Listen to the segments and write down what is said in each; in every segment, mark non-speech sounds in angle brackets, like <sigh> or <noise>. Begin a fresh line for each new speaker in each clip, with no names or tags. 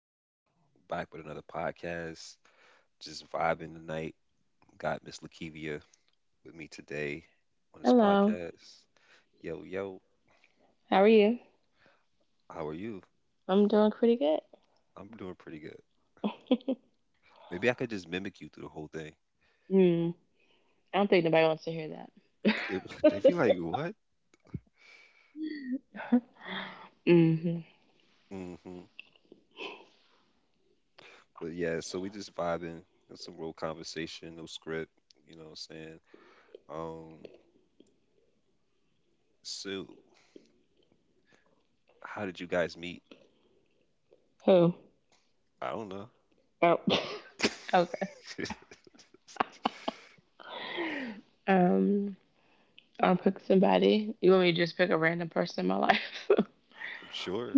Rico, back with another podcast. Just vibing tonight. Got Miss Lakivia with me today on this
Hello.
podcast. Yo, yo,
How are you?
how are you?
I'm doing pretty good.
I'm doing pretty good. Maybe I could just mimic you through the whole thing.
Mm. I don't think nobody wants to hear that.
<laughs> They they be
<laughs>
like, what?
Mm-hmm.
hmm But yeah, so we just vibing. Got some real conversation, no script. You know what I'm saying? Um, so how did you guys meet?
Who?
I don't know.
Oh. <laughs> Okay.
<laughs> I'm
Um. I'll pick somebody. You want me to just pick a random person in my life? <laughs>
sure.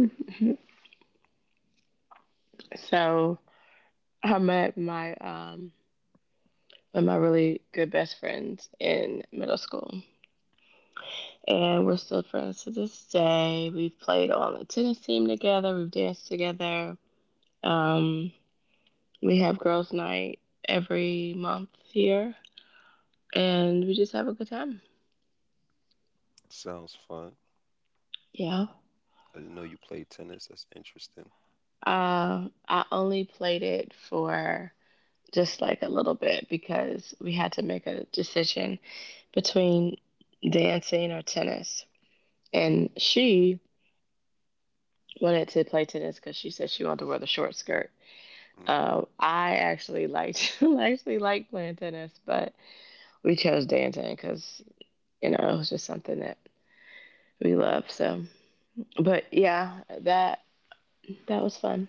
So I met my one of my really good best friends in middle school. And we're still friends to this day. We've played on the tennis team together, we've danced together. Um we have girls' night every month here and we just have a good time.
Sounds fun.
Yeah.
I didn't know you played tennis. That's interesting.
I only played it for just like a little bit because we had to make a decision between dancing or tennis. And she wanted to play tennis because she said she wanted to wear the short skirt.
Mm.
I actually liked <laughs> I actually liked playing tennis, but we chose dancing because you know it was just something that we love. So, but yeah, that was fun.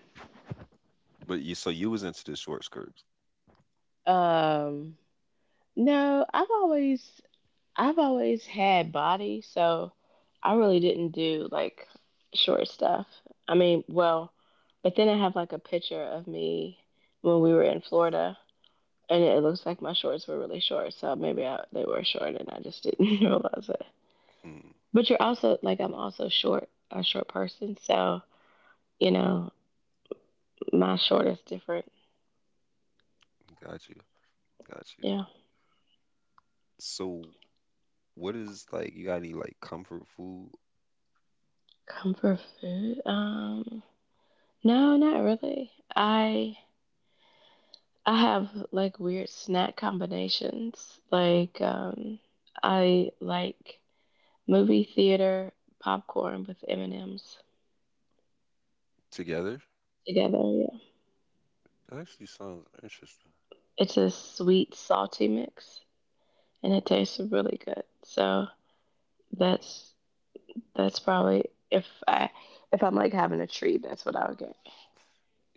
But you, so you was into the short skirts.
Um, No, I've always had body, so I really didn't do like short stuff. I mean, well, but then I have like a picture of me when we were in Florida, and it looks like my shorts were really short, so maybe I, they were short and I just didn't <laughs> realize it.
Hmm.
But you're also like I'm also short, a short person, so you know, my short is different.
Got you. Got you.
Yeah.
So what is like? You got any like comfort food
Comfort food? No, not really. I have like weird snack combinations. Like I like movie theater popcorn with M&Ms
together?
together. Yeah.
That actually sounds interesting.
It's a sweet salty mix and it tastes really good. So that's that's probably if I'm like having a treat, that's what I would get.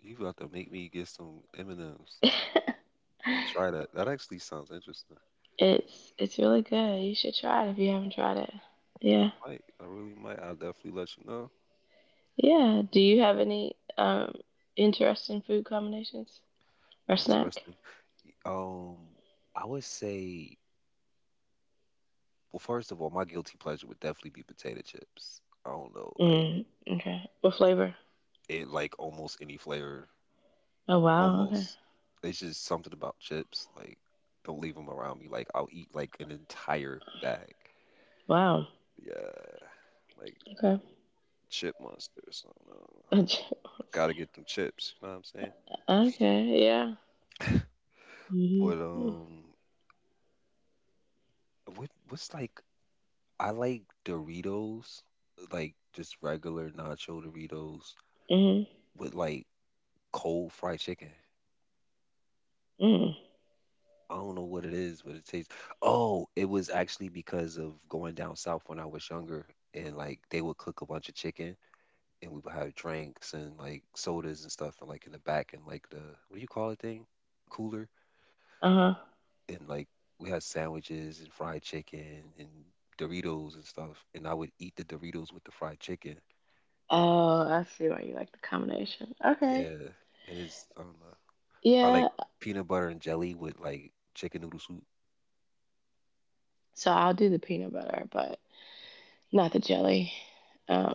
You about to make me get some M and M's
<laughs>
and try that. That actually sounds interesting.
It's it's really good. You should try it if you haven't tried it.
I
Yeah.
might. I really might. I'll definitely let you know.
Yeah. Do you have any interesting food combinations or snack?
Interesting. Um, I would say, well, first of all, my guilty pleasure would definitely be potato chips. I don't know, like
Mm, okay. What flavor?
it, like almost any flavor.
Oh wow. Okay.
Almost. It's just something about chips. Like, don't leave them around me. Like, I'll eat like an entire bag.
Wow.
Yeah, like
Okay.
chip monster or something. I don't know.
<laughs>
Gotta get them chips. You know what I'm
Okay. Yeah.
saying? <laughs> But
Mhm.
what's like? I like Doritos, like just regular nacho Doritos
Mhm.
with like cold fried chicken.
Mm.
I don't know what it is, but it tastes. Oh, it was actually because of going down south when I was younger, and like they would cook a bunch of chicken, and we would have drinks and like sodas and stuff and like in the back and like the what do you call it thing cooler
Uh huh.
and like we had sandwiches and fried chicken and Doritos and stuff, and I would eat the Doritos with the fried chicken.
Oh, I see why you like the combination. Okay.
Yeah, it is. I don't know. I
Yeah.
like peanut butter and jelly with like chicken noodle soup.
So I'll do the peanut butter, but not the jelly.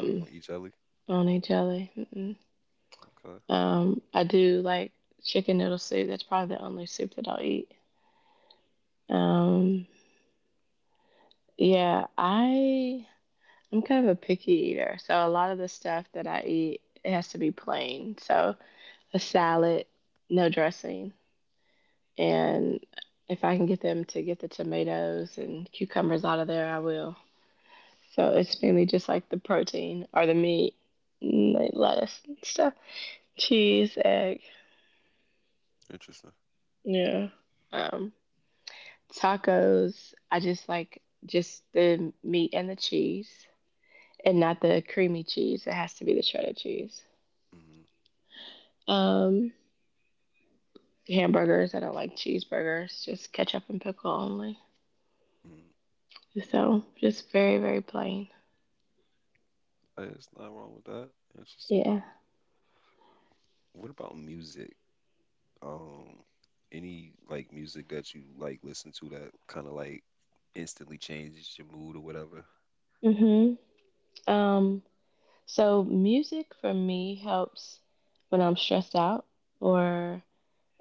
I think you don't eat jelly.
I don't need jelly. Mm-mm.
Okay,
I do like chicken noodle soup. That's probably the only soup that I'll eat. Um, yeah. I'm kind of a picky eater, so a lot of the stuff that I eat it has to be plain. So a salad, no dressing, and if I can get them to get the tomatoes and cucumbers out of there, I will. So it's mainly just like the protein or the meat, and lettuce and stuff, cheese, egg,
interesting.
yeah. Um, tacos, I just like just the meat and the cheese, and not the creamy cheese. It has to be the shredded cheese.
Mm-hmm.
Um, hamburgers. I don't like cheeseburgers, just ketchup and pickle only. So just very, very plain.
Hey, it's not wrong with that. Interesting.
Yeah.
What about music? Um, any like music that you like listen to that kind of like instantly changes your mood or whatever?
Mhm. Um. So music for me helps when I'm stressed out or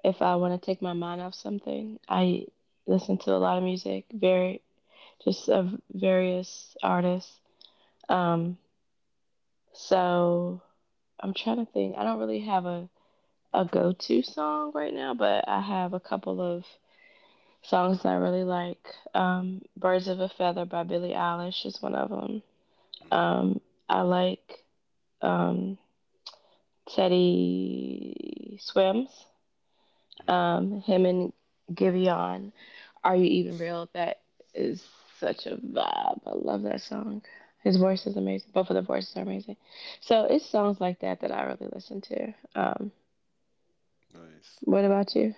if I want to take my mind off something. I listen to a lot of music, very just of various artists. Um. So I'm trying to think. I don't really have a go to song right now, but I have a couple of songs that I really like. Birds of a Feather by Billie Eilish is one of them.
Mm-hmm.
Um, I like um, Teddy Swims, him and Giveon. Are You Even Real? That is such a vibe. I love that song. His voice is amazing. Both of the voices are amazing. So it's songs like that that I really listen to.
Nice.
What about you?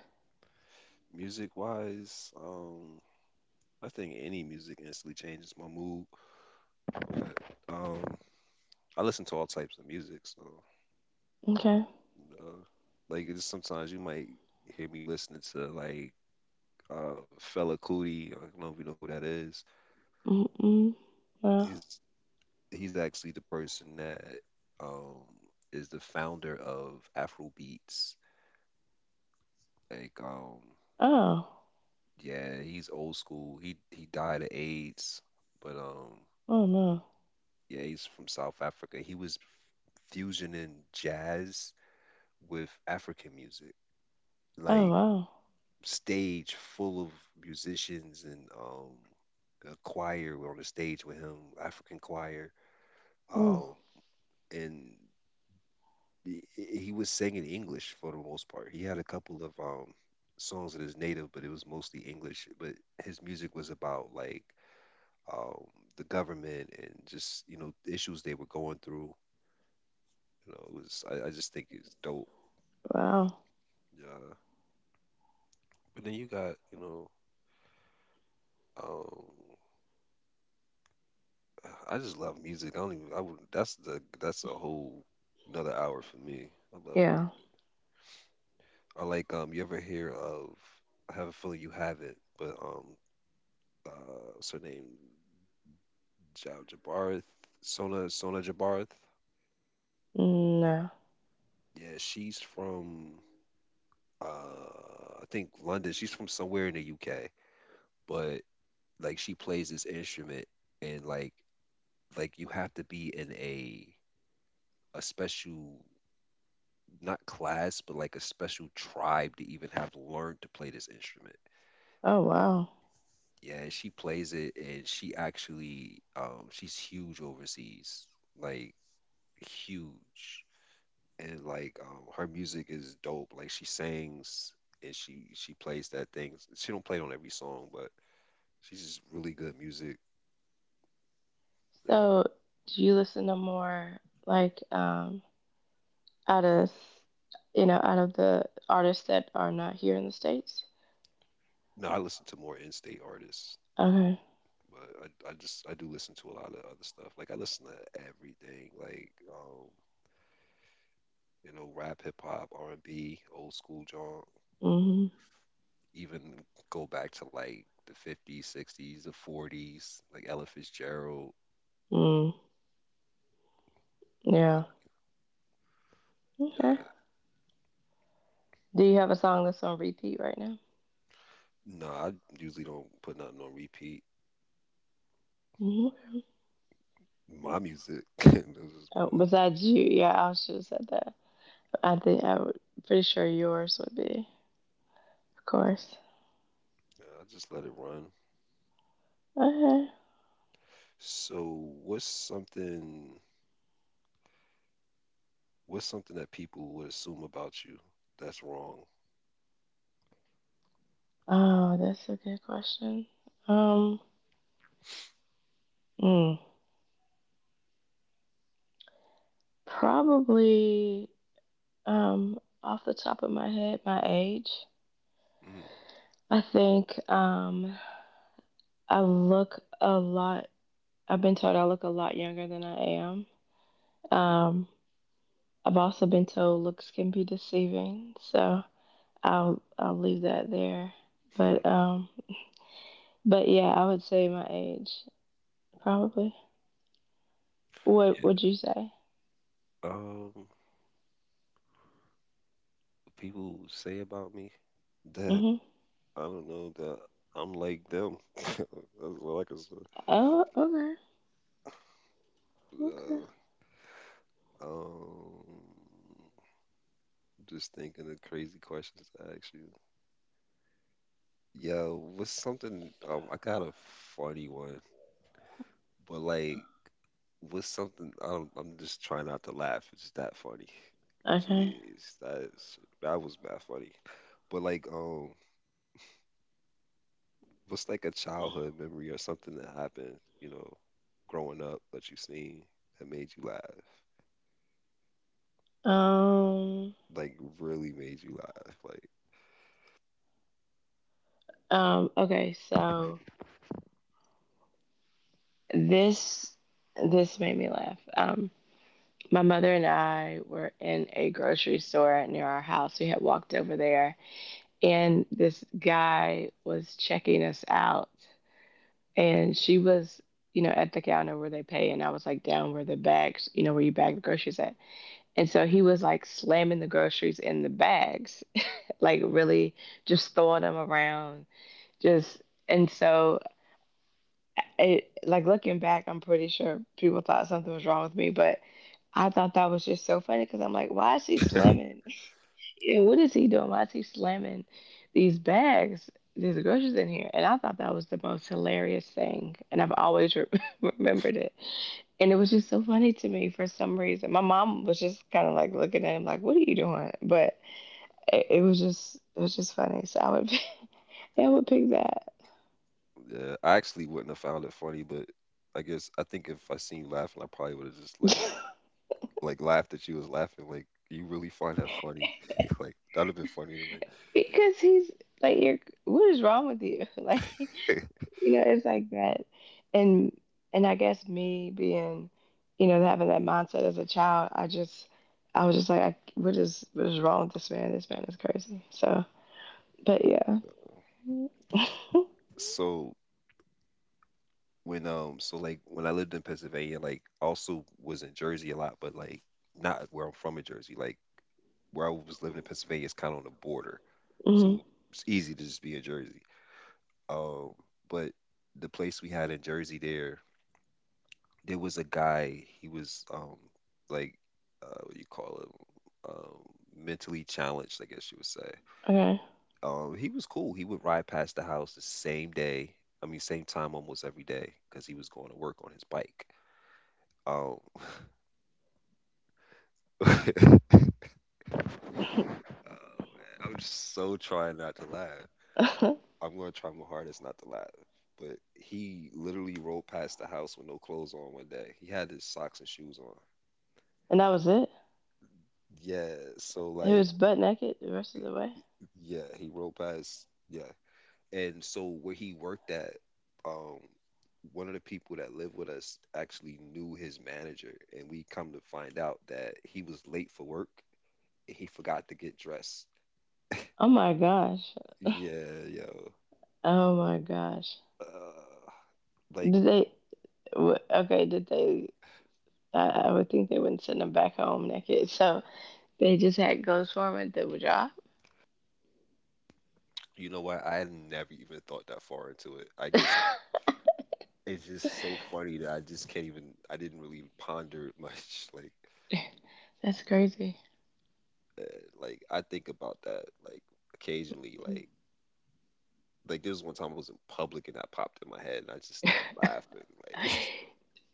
Music wise, I think any music instantly changes my mood. But um, I listen to all types of music, so
Okay.
uh, like it's sometimes you might hear me listening to like Fella Cootie. I don't know if you know who that is.
Mm-mm. Well,
He's he's actually the person that um is the founder of Afrobeats. Like
oh,
yeah, he's old school. He died of AIDS, but
oh no.
yeah, he's from South Africa. He was fusioning jazz with African music.
Oh
Like
wow.
stage full of musicians and a choir on the stage with him, African choir.
Mm,
Um, and he was singing English for the most part. He had a couple of songs that is native, but it was mostly English. But his music was about like um the government and just you know the issues they were going through. You know, it was I just think it's dope.
wow.
Yeah. But then you got you know um I just love music. I don't even I would that's the that's a whole another hour for me. I love music.
Yeah.
I like you ever hear of I have a feeling you haven't, but what's her name? Ja- Jabarth, Sona Jabarth.
No.
Yeah, she's from I think London. She's from somewhere in the UK, but like she plays this instrument and like you have to be in a special not class but like a special tribe to even have learned to play this instrument.
Oh, wow.
Yeah, and she plays it and she actually she's huge overseas. Like huge. And like her music is dope. Like she sings and she plays that thing. She don't play it on every song, but she's just really good music. Uh,
So, do you listen to more like out of you know out of the artists that are not here in the states?
no, I listen to more in-state artists,
Okay.
but I just I do listen to a lot of other stuff. Like I listen to everything, like you know, rap, hip hop, R and B, old school junk.
Mhm.
Even go back to like the 50s, 60s, the 40s, like Ella Fitzgerald.
Mm. Yeah. Okay.
Yeah.
Do you have a song that's on repeat right now?
No, I usually don't put nothing on repeat.
Mhm.
My music. <laughs> That's just
Oh,
about it.
besides you, yeah, I should have said that. I think I would pretty sure yours would be, of course.
Yeah, I just let it run.
Okay.
So, what's something that people would assume about you that's wrong?
Oh, that's a good question. Um. mm. Probably off the top of my head, my age.
Mm,
I think I look a lot. I've been told I look a lot younger than I am. Um, I've also been told looks can be deceiving, so I'll leave that there.
mm, mm.
But um, but yeah, I would say my age probably. What would you say?
Yeah. What people say about me that
Mhm.
I don't know that I'm like them. <laughs> That's all I can say.
Oh, okay,
Uh, um, just thinking of crazy questions to ask you. Yeah, what's something? I got a funny one, but like what's something I'm just trying not to laugh. It's that funny.
okay, okay.
Jeez, that is that was mad funny. But like, what's like a childhood memory or something that happened, you know, growing up that you seen that made you laugh,
Um,
like really made you laugh. Like,
okay. So this this made me laugh. My mother and I were in a grocery store near our house. We had walked over there, and this guy was checking us out, and she was. You know, at the counter where they pay, and I was like down where the bags, you know, where you bag the groceries at. And so he was like slamming the groceries in the bags, <laughs> like really just throwing them around, just and so it like looking back, I'm pretty sure people thought something was wrong with me, but I thought that was just so funny because I'm like, why is he slamming? <laughs> Yeah, what is he doing? Why is he slamming these bags? There's groceries in here, and I thought that was the most hilarious thing, and I've always <laughs> remembered it. And it was just so funny to me for some reason. My mom was just kind of like looking at him like, "What are you doing?" But it was just funny. So I would, <laughs> I would pick that
yeah, I actually wouldn't have found it funny, but I guess I think if I seen you laughing, I probably would have just
<laughs>
like laughed that you was laughing. Like, you really find that funny? <laughs> Like, that'd have been funny to
because he's like, "You're what is wrong with you?" <laughs> Like.
me.
You know it's like that and I guess me being you know having that mindset as a child I was just like what is wrong with this man, this man is crazy, so but yeah <laughs>
<laughs> So when so like when I lived in Pennsylvania, like I also was in Jersey a lot, but like not where I'm from in Jersey. Like where I was living in Pennsylvania is kind of on the border,
hmm
so it's easy to just be in Jersey. Um, but the place we had in Jersey there, there was a guy. He was like what do you call him? Mentally challenged, I guess you would say.
okay
He was cool. He would ride past the house the same day. I mean, same time almost every day because he was going to work on his bike. Um, <laughs> Oh, man. I'm just so trying not to laugh. I'm gonna try my hardest not to laugh. But he literally rolled past the house with no clothes on one day. He had his socks and shoes on.
and that was it
Yeah, so
he
like,
was butt naked the rest of the way
yeah, he rolled past. Yeah, and so where he worked at, um, one of the people that lived with us actually knew his manager, and we come to find out that he was late for work and he forgot to get dressed.
oh my gosh
Yeah, yeah.
oh my gosh
Uh, like,
did they okay did they I would think they wouldn't send him back home naked so they just had ghost foreman do a job
you know what? I never even thought that far into it. I guess
<laughs>
it's just so funny that I just can't even. I didn't really ponder it much. <laughs>
that's crazy.
Uh, like I think about that like occasionally. Like there was one time I was in public and that popped in my head, and I just started laughing. Like,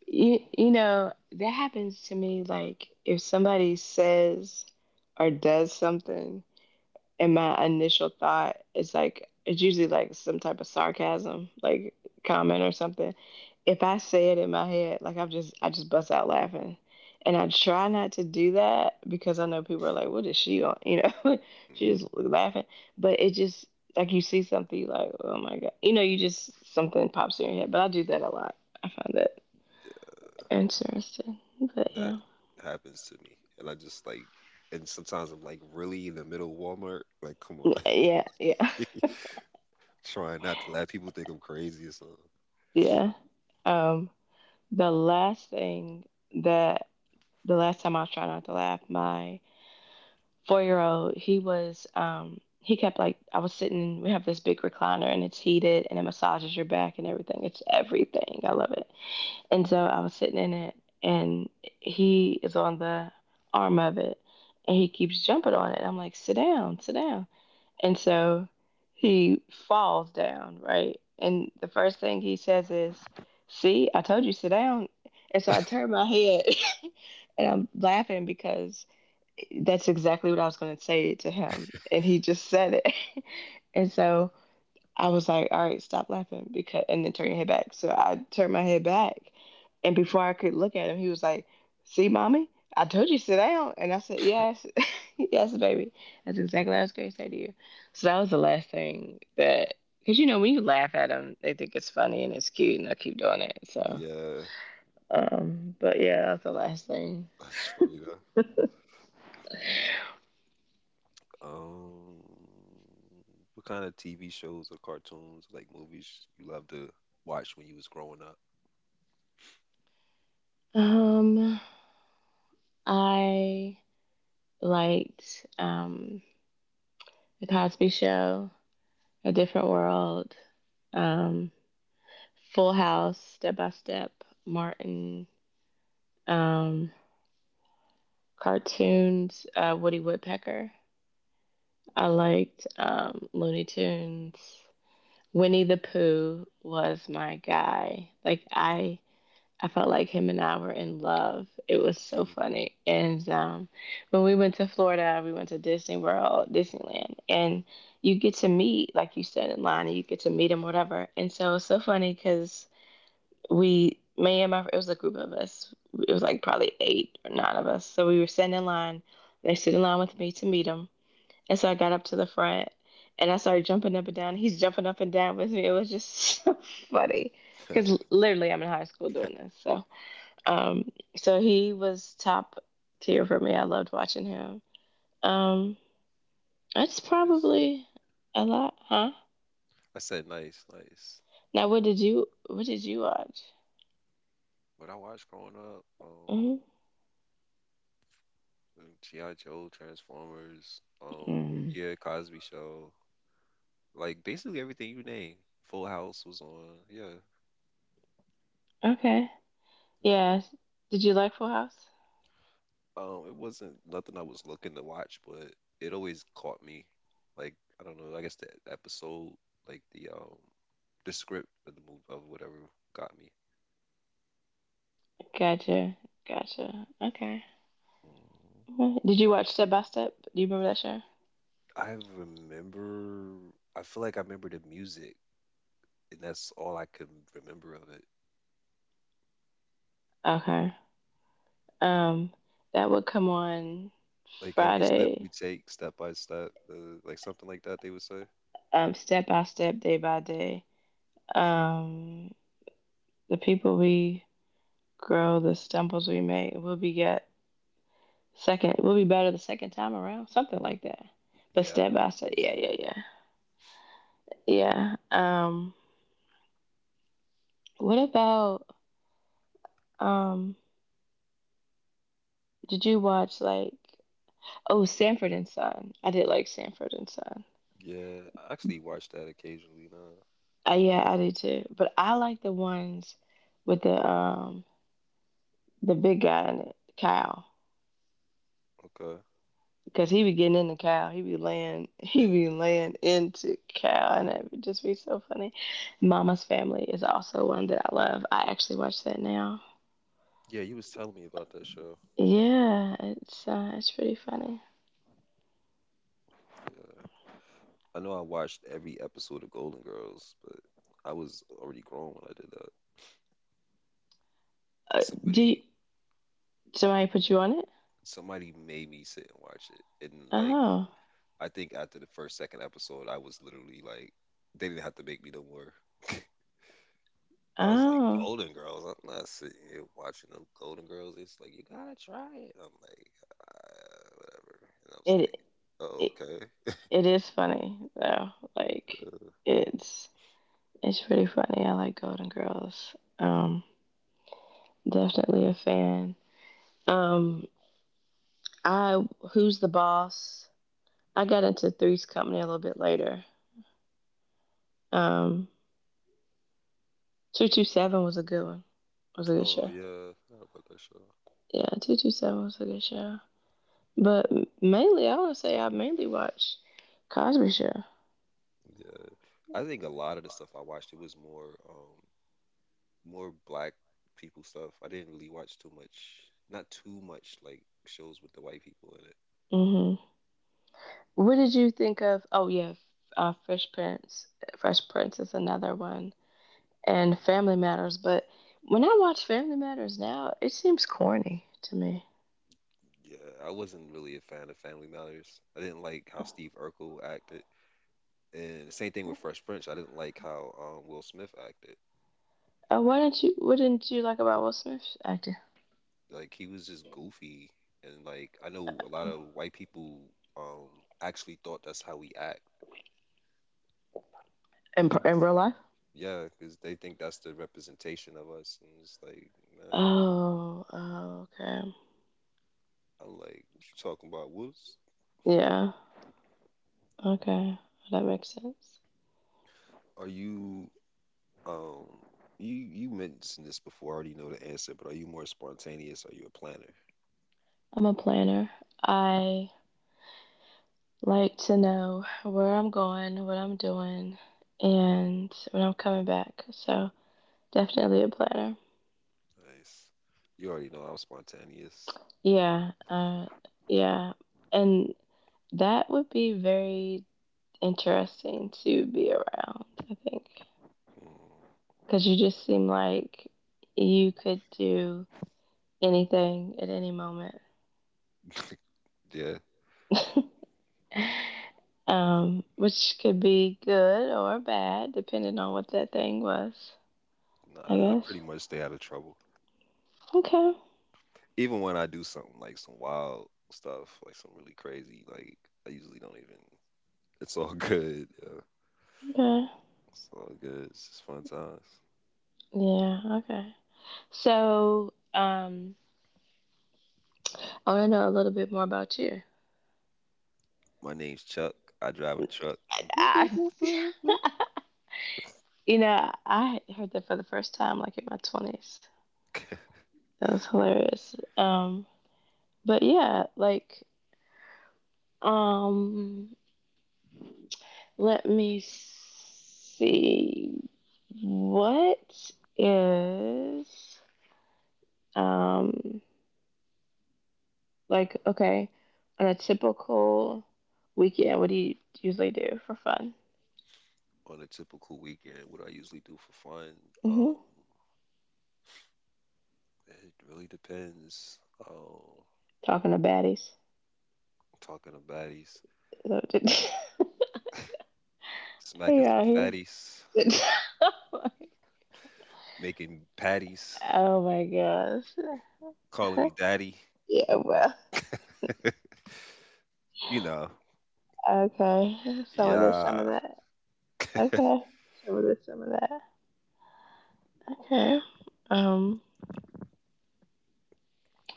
You know, that happens to me. Like, if somebody says or does something, and my initial thought is like, it's usually like some type of sarcasm, like comment or something. If I say it in my head, I just bust out laughing. And I try not to do that because I know people are like, what is she on? You know, <laughs>
<laughs>
she's
mm,
just laughing. But it just, like, you see something, you're like, oh my God. You know, you just, something pops in your head. But I do that a lot. I find that. Interesting. But
that
yeah.
happens to me, and I just like. And sometimes I'm like, really in the middle of Walmart? Like, come on.
Yeah,
<laughs> Trying not to let people think I'm crazy or something.
yeah. Um, the last thing that the last time I was trying not to laugh, my 4 year old, he was he kept like I was sitting we have this big recliner and it's heated and it massages your back and everything. It's everything. I love it. And so I was sitting in it and he is on the arm of it and he keeps jumping on it. I'm like, sit down, sit down. And so he falls down, right? And the first thing he says is, see, I told you, sit down. And so I turn my head <laughs> and I'm laughing because that's exactly what I was going to say to him. And he just said it. <laughs> And so I was like, all right, stop laughing because and then turn your head back. So I turned my head back and before I could look at him, he was like, see, mommy, I told you sit down, and I said, yes, <laughs> yes, baby. That's exactly what I was going to say to you. So that was the last thing that because you know, when you laugh at them, they think it's funny and it's cute and they'll keep doing it. So
Yeah,
but yeah, that's the last thing.
that's funny though. Um, what kind of TV shows or cartoons, like movies, you love to watch when you was growing up?
Um I liked the Cosby show, A Different World. Um Full House, Step by Step, Martin, um, cartoons, Woody Woodpecker. I liked Looney Tunes. Winnie the Pooh was my guy. I felt like him and I were in love. It was so
<laughs>
funny. And when we went to Florida, we went to Disney World, Disneyland, and you get to meet, like you said, in line, and you get to meet him, whatever. And so it's so funny because we me and my it was a group of us. It was like probably eight or nine of us, so we were standing in line. They stood in line with me to meet him, and so I got up to the front, and I started jumping up and down. He's jumping up and down with me. It was just <laughs> so funny, because literally I'm in high school doing this. So um so he was top tier for me. I loved watching him. um that's
Nice.
probably a lot, huh?
I said nice, nice.
Now what did you watch?
What I watched growing up,
Mm-hmm.
G.I. Joe, Transformers,
Mm.
yeah, Cosby Show, like basically everything you name. Full House was on, yeah,
Okay.
yeah.
Yeah. Did you like Full House?
It wasn't nothing I was looking to watch, but it always caught me. Like I don't know, I guess the episode, like the script of the movie of whatever got me.
Gotcha. Gotcha. Okay.
Mm,
Mhm. Did you watch Step by Step? Do you remember that show?
I remember. I feel like I remember the music, and that's all I can remember of it.
Okay. Um, that would come on
Like every step we
Friday.
take, step by step, the like something like that they would say.
Step by step, day by day. Um, the people we grow, the stumbles we make, we'll be get second. We'll be better the second time around. Something like that. But
Yeah, I
step
remember
by
the
step, yeah,
music.
yeah, yeah, yeah. What about um? Did you watch like Oh, Sanford and Son. I did like Sanford and Son.
Yeah, I actually watch that occasionally now.
Yeah, I did too. But I like the ones with the big guy in it, Kyle,
Okay.
because he be getting into Kyle. He be laying <laughs> he be laying into Kyle, and it would just be so funny. Mama's Family is also one that I love. I actually watch that now.
Yeah, you was telling me about that show.
Yeah, it's pretty funny.
Yeah. I know I watched every episode of Golden Girls, but I was already grown when I did that.
Uh, do you,
Somebody,
somebody
mhm,
put you on it?
somebody made me sit and watch it, and like
Oh,
I think after the first, second episode, I was literally like, they didn't have to make me no more. I was like,
oh,
Golden Girls. I'm not sitting here watching them Golden Girls. It's like you gotta try it. I'm like, whatever. And I was like,
it,
oh
it
okay,
It is funny though. Like it's it's pretty funny. I like Golden Girls. Definitely a fan. Um, I Who's the Boss? I got into Three's Company a little bit later. Um, 227 was a good one. It was a good
oh
show.
yeah, I about that show.
Yeah, 227 was a good show. But mainly, I want to say I mainly watch Cosby Show.
Yeah, I think a lot of the stuff I watched it was more, more black people stuff. I didn't really watch too much, not too much like shows with the white people in it.
Hmm. What did you think of? Oh yeah, Fresh Prince. Fresh Prince is another one, and Family Matters, but when I watch Family Matters now, it seems corny to me.
Yeah, I wasn't really a fan of Family Matters. I didn't like how Steve Urkel acted, and same thing with Fresh Prince. I didn't like how Will Smith acted.
Why didn't you? What didn't you like about Will Smith's acting?
Like he was just goofy, and like I know a lot
Oh,
of white people um, actually thought that's how we act, cause
in
that's
real life?
yeah, cause they think that's the representation of us, and it's like, man,
Oh, oh, okay,
I'm like, what you talking about? What's
yeah, okay, that makes sense.
are you um? You mentioned this before. I already know the answer, but are you more spontaneous? Are you a planner?
I'm a planner. I like to know where I'm going, what I'm doing, and when I'm coming back. So definitely a planner.
Nice. You already know I'm spontaneous.
Yeah, yeah, and that would be very interesting to be around, I think.
Mm,
Because you just seem like you could do anything at any moment,
yeah,
<laughs> which could be good or bad, depending on what that thing was, I
nah, I
guess.
pretty much stay out of trouble.
Okay,
Even when I do something like some wild stuff, like some really crazy, like I usually don't even. It's all <laughs> good. Yeah,
okay.
it's all good. It's just fun times.
Yeah, okay. So, I want to know a little bit more about you.
My name's Chuck. I drive a truck. <laughs>
I, you know, I heard that for the first time, like in my 20s. That was hilarious. But yeah, like, Um, let me see. What is um like okay, on a typical weekend, what do you usually do for fun?
On a typical weekend, what I usually do for fun, um,
Hmm.
it really depends. Um,
Talking to baddies.
Talking to baddies,
So, <laughs>
<laughs>
hey,
smacking some
out here.
fatties, making patties,
<laughs> oh my gosh.
calling me
<laughs>
daddy.
Yeah, well,
<laughs> You know,
okay. Some of this, some of
yeah.
that.
<laughs>
Okay. Some of this, some of that. Okay. Um,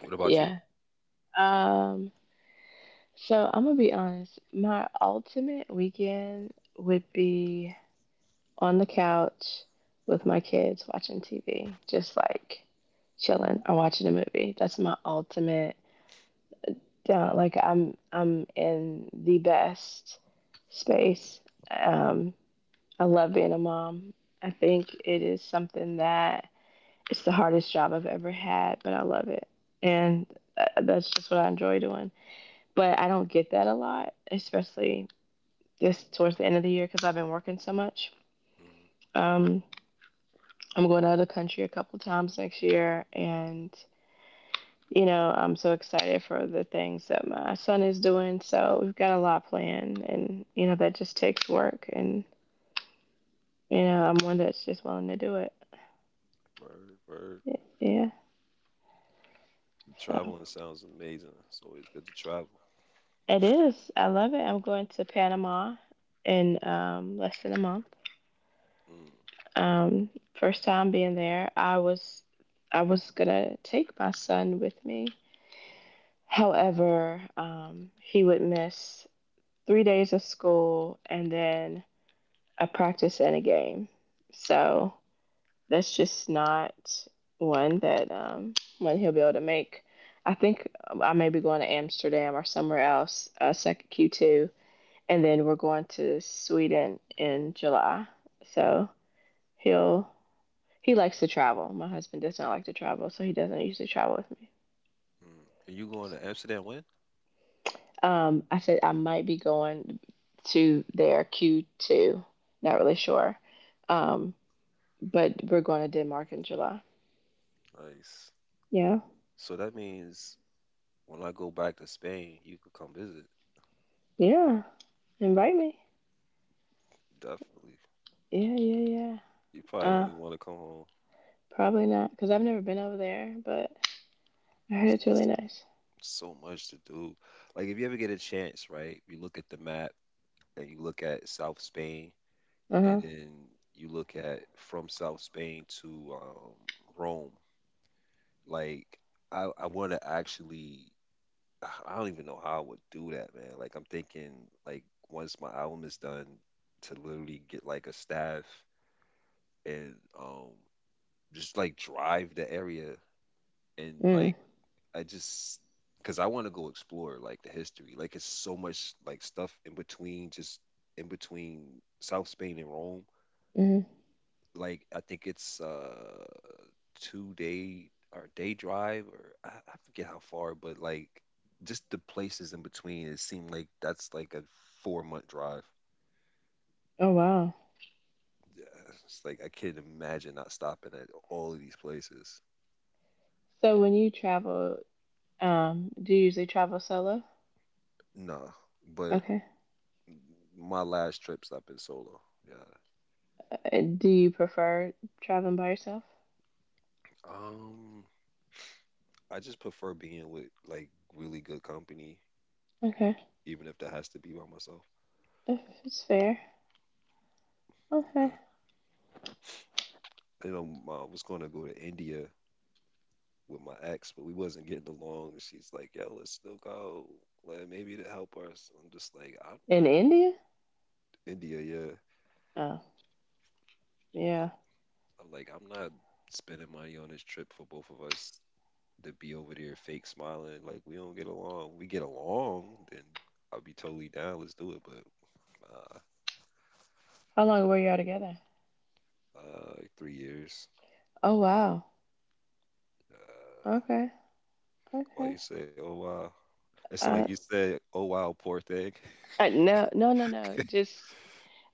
What about you?
yeah. Um, so I'm gonna be honest. My ultimate weekend would be on the couch with my kids watching TV, just like chilling or watching a movie. That's my ultimate down. Like I'm in the best space. Um, I love being a mom. I think it is something that it's the hardest job I've ever had, but I love it, and that's just what I enjoy doing. But I don't get that a lot, especially this towards the end of the year because I've been working so much.
Mm,
Um, I'm going out of the country a couple times next year, and you know I'm so excited for the things that my son is doing. So we've got a lot planned, and you know that just takes work, and you know I'm one that's just willing to do it.
word, word.
Yeah, yeah, so
Traveling sounds amazing. It's always good to travel.
it is. I love it. I'm going to Panama in less than a month.
Mm.
Um, first time being there, I was gonna take my son with me. However, he would miss 3 days of school and then a practice and a game. So that's just not one that one he'll be able to make. I think I may be going to Amsterdam or somewhere else, second Q2, and then we're going to Sweden in July. So he'll He likes to travel. My husband does not like to travel, so he doesn't usually travel with me.
Mm. Are you going to Amsterdam when?
I said I might be going to their Q2. Not really sure. Um, but we're going to Denmark in July.
Nice.
Yeah.
So that means when I go back to Spain, you can come visit.
Yeah. Invite me.
Definitely.
Yeah, yeah, yeah.
You probably
Uh,
only want to come home.
probably not because I've never been over there, but I heard it's really nice.
There's so much to do. Like if you ever get a chance, right? You look at the map and you look at South Spain,
Uh
and
huh.
then you look at from South Spain to Rome. Like I want to actually, <sighs> I don't even know how I would do that, man. Like I'm thinking, like once my album is done, to literally get like a staff and just like drive the area and
Mm.
like I just. Cause I want to go explore like the history, like it's so much like stuff in between, just in between South Spain and Rome.
Mm.
Like I think it's 2-day or day drive, or I forget how far, but like just the places in between, it seemed like that's like a 4-month drive.
Oh wow.
Yeah, it's like I can't imagine not stopping at all of these places.
So when you travel, do you usually travel solo?
No, but
Okay.
my last trips I've been solo. Yeah.
Do you prefer traveling by yourself?
Um, I just prefer being with like really good company,
Okay.
even if that has to be by myself.
If it's fair. Okay.
Uh, I was going to go to India with my ex, but we wasn't getting along. And she's like, "Yo, let's still go. Like, maybe to help us." I'm just like, "I'm
In
not
India?
India, yeah.
Oh,
I-
yeah.
I'm like, I'm not spending money on this trip for both of us to be over there fake smiling. Like, we don't get along. We get along, then I'll be totally down. Let's do it." But uh,
How long were y'all together?
like 3 years.
Oh, wow.
Uh,
Okay.
why
Okay.
you say, "Oh wow"? It's like you
Uh,
said, "Oh wow, poor thing."
no, no, no, no.
<laughs>
Just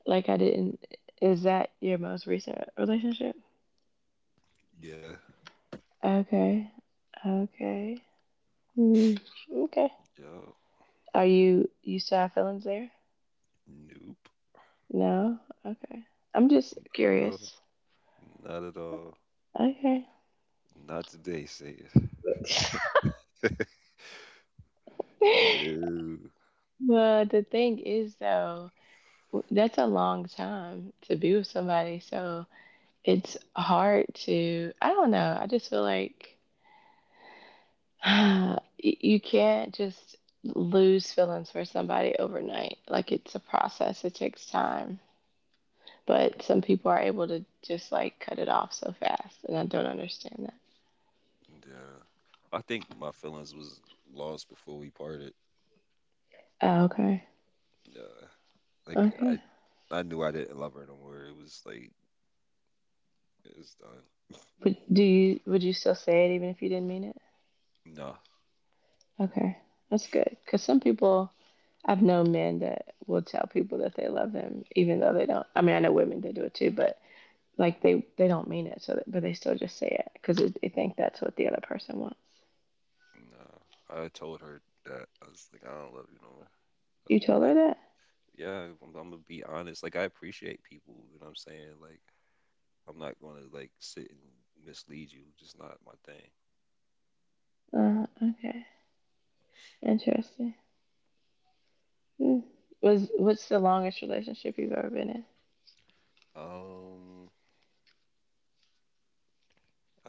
like I didn't. Is that your most recent relationship?
Yeah.
Okay. Okay. Hmm. Okay.
Yo.
Are you you still have feelings there?
Nope.
No. Okay. I'm just
Not at all.
curious.
Not at all.
Okay.
Not today, say it.
<laughs>
No.
Well, the thing is though, that's a long time to be with somebody. So it's hard to, I don't know. I just feel like <sighs> you can't just lose feelings for somebody overnight. Like it's a process, it takes time. But some people are able to just like cut it off so fast, and I don't understand that.
Yeah. I think my feelings was lost before we parted.
Oh, okay.
Yeah. Like I
Okay.
I knew I didn't love her no more. It was like it was done.
But do you would you still say it even if you didn't mean it?
No.
Okay. That's good. Cuz some people I've known men that will tell people that they love them, even though they don't. I mean, I know women that do it too, but like they don't mean it, so that, but they still just say it because they think that's what the other person wants.
No. I told her that I was like, I don't love you no more.
You
I'm
told her
like,
that?
yeah, I'm gonna be honest. Like I appreciate people, you know what I'm saying? Like I'm not gonna like sit and mislead you, just not my thing.
Okay, interesting. Hmm. Was what's the longest relationship you've ever been in?
Um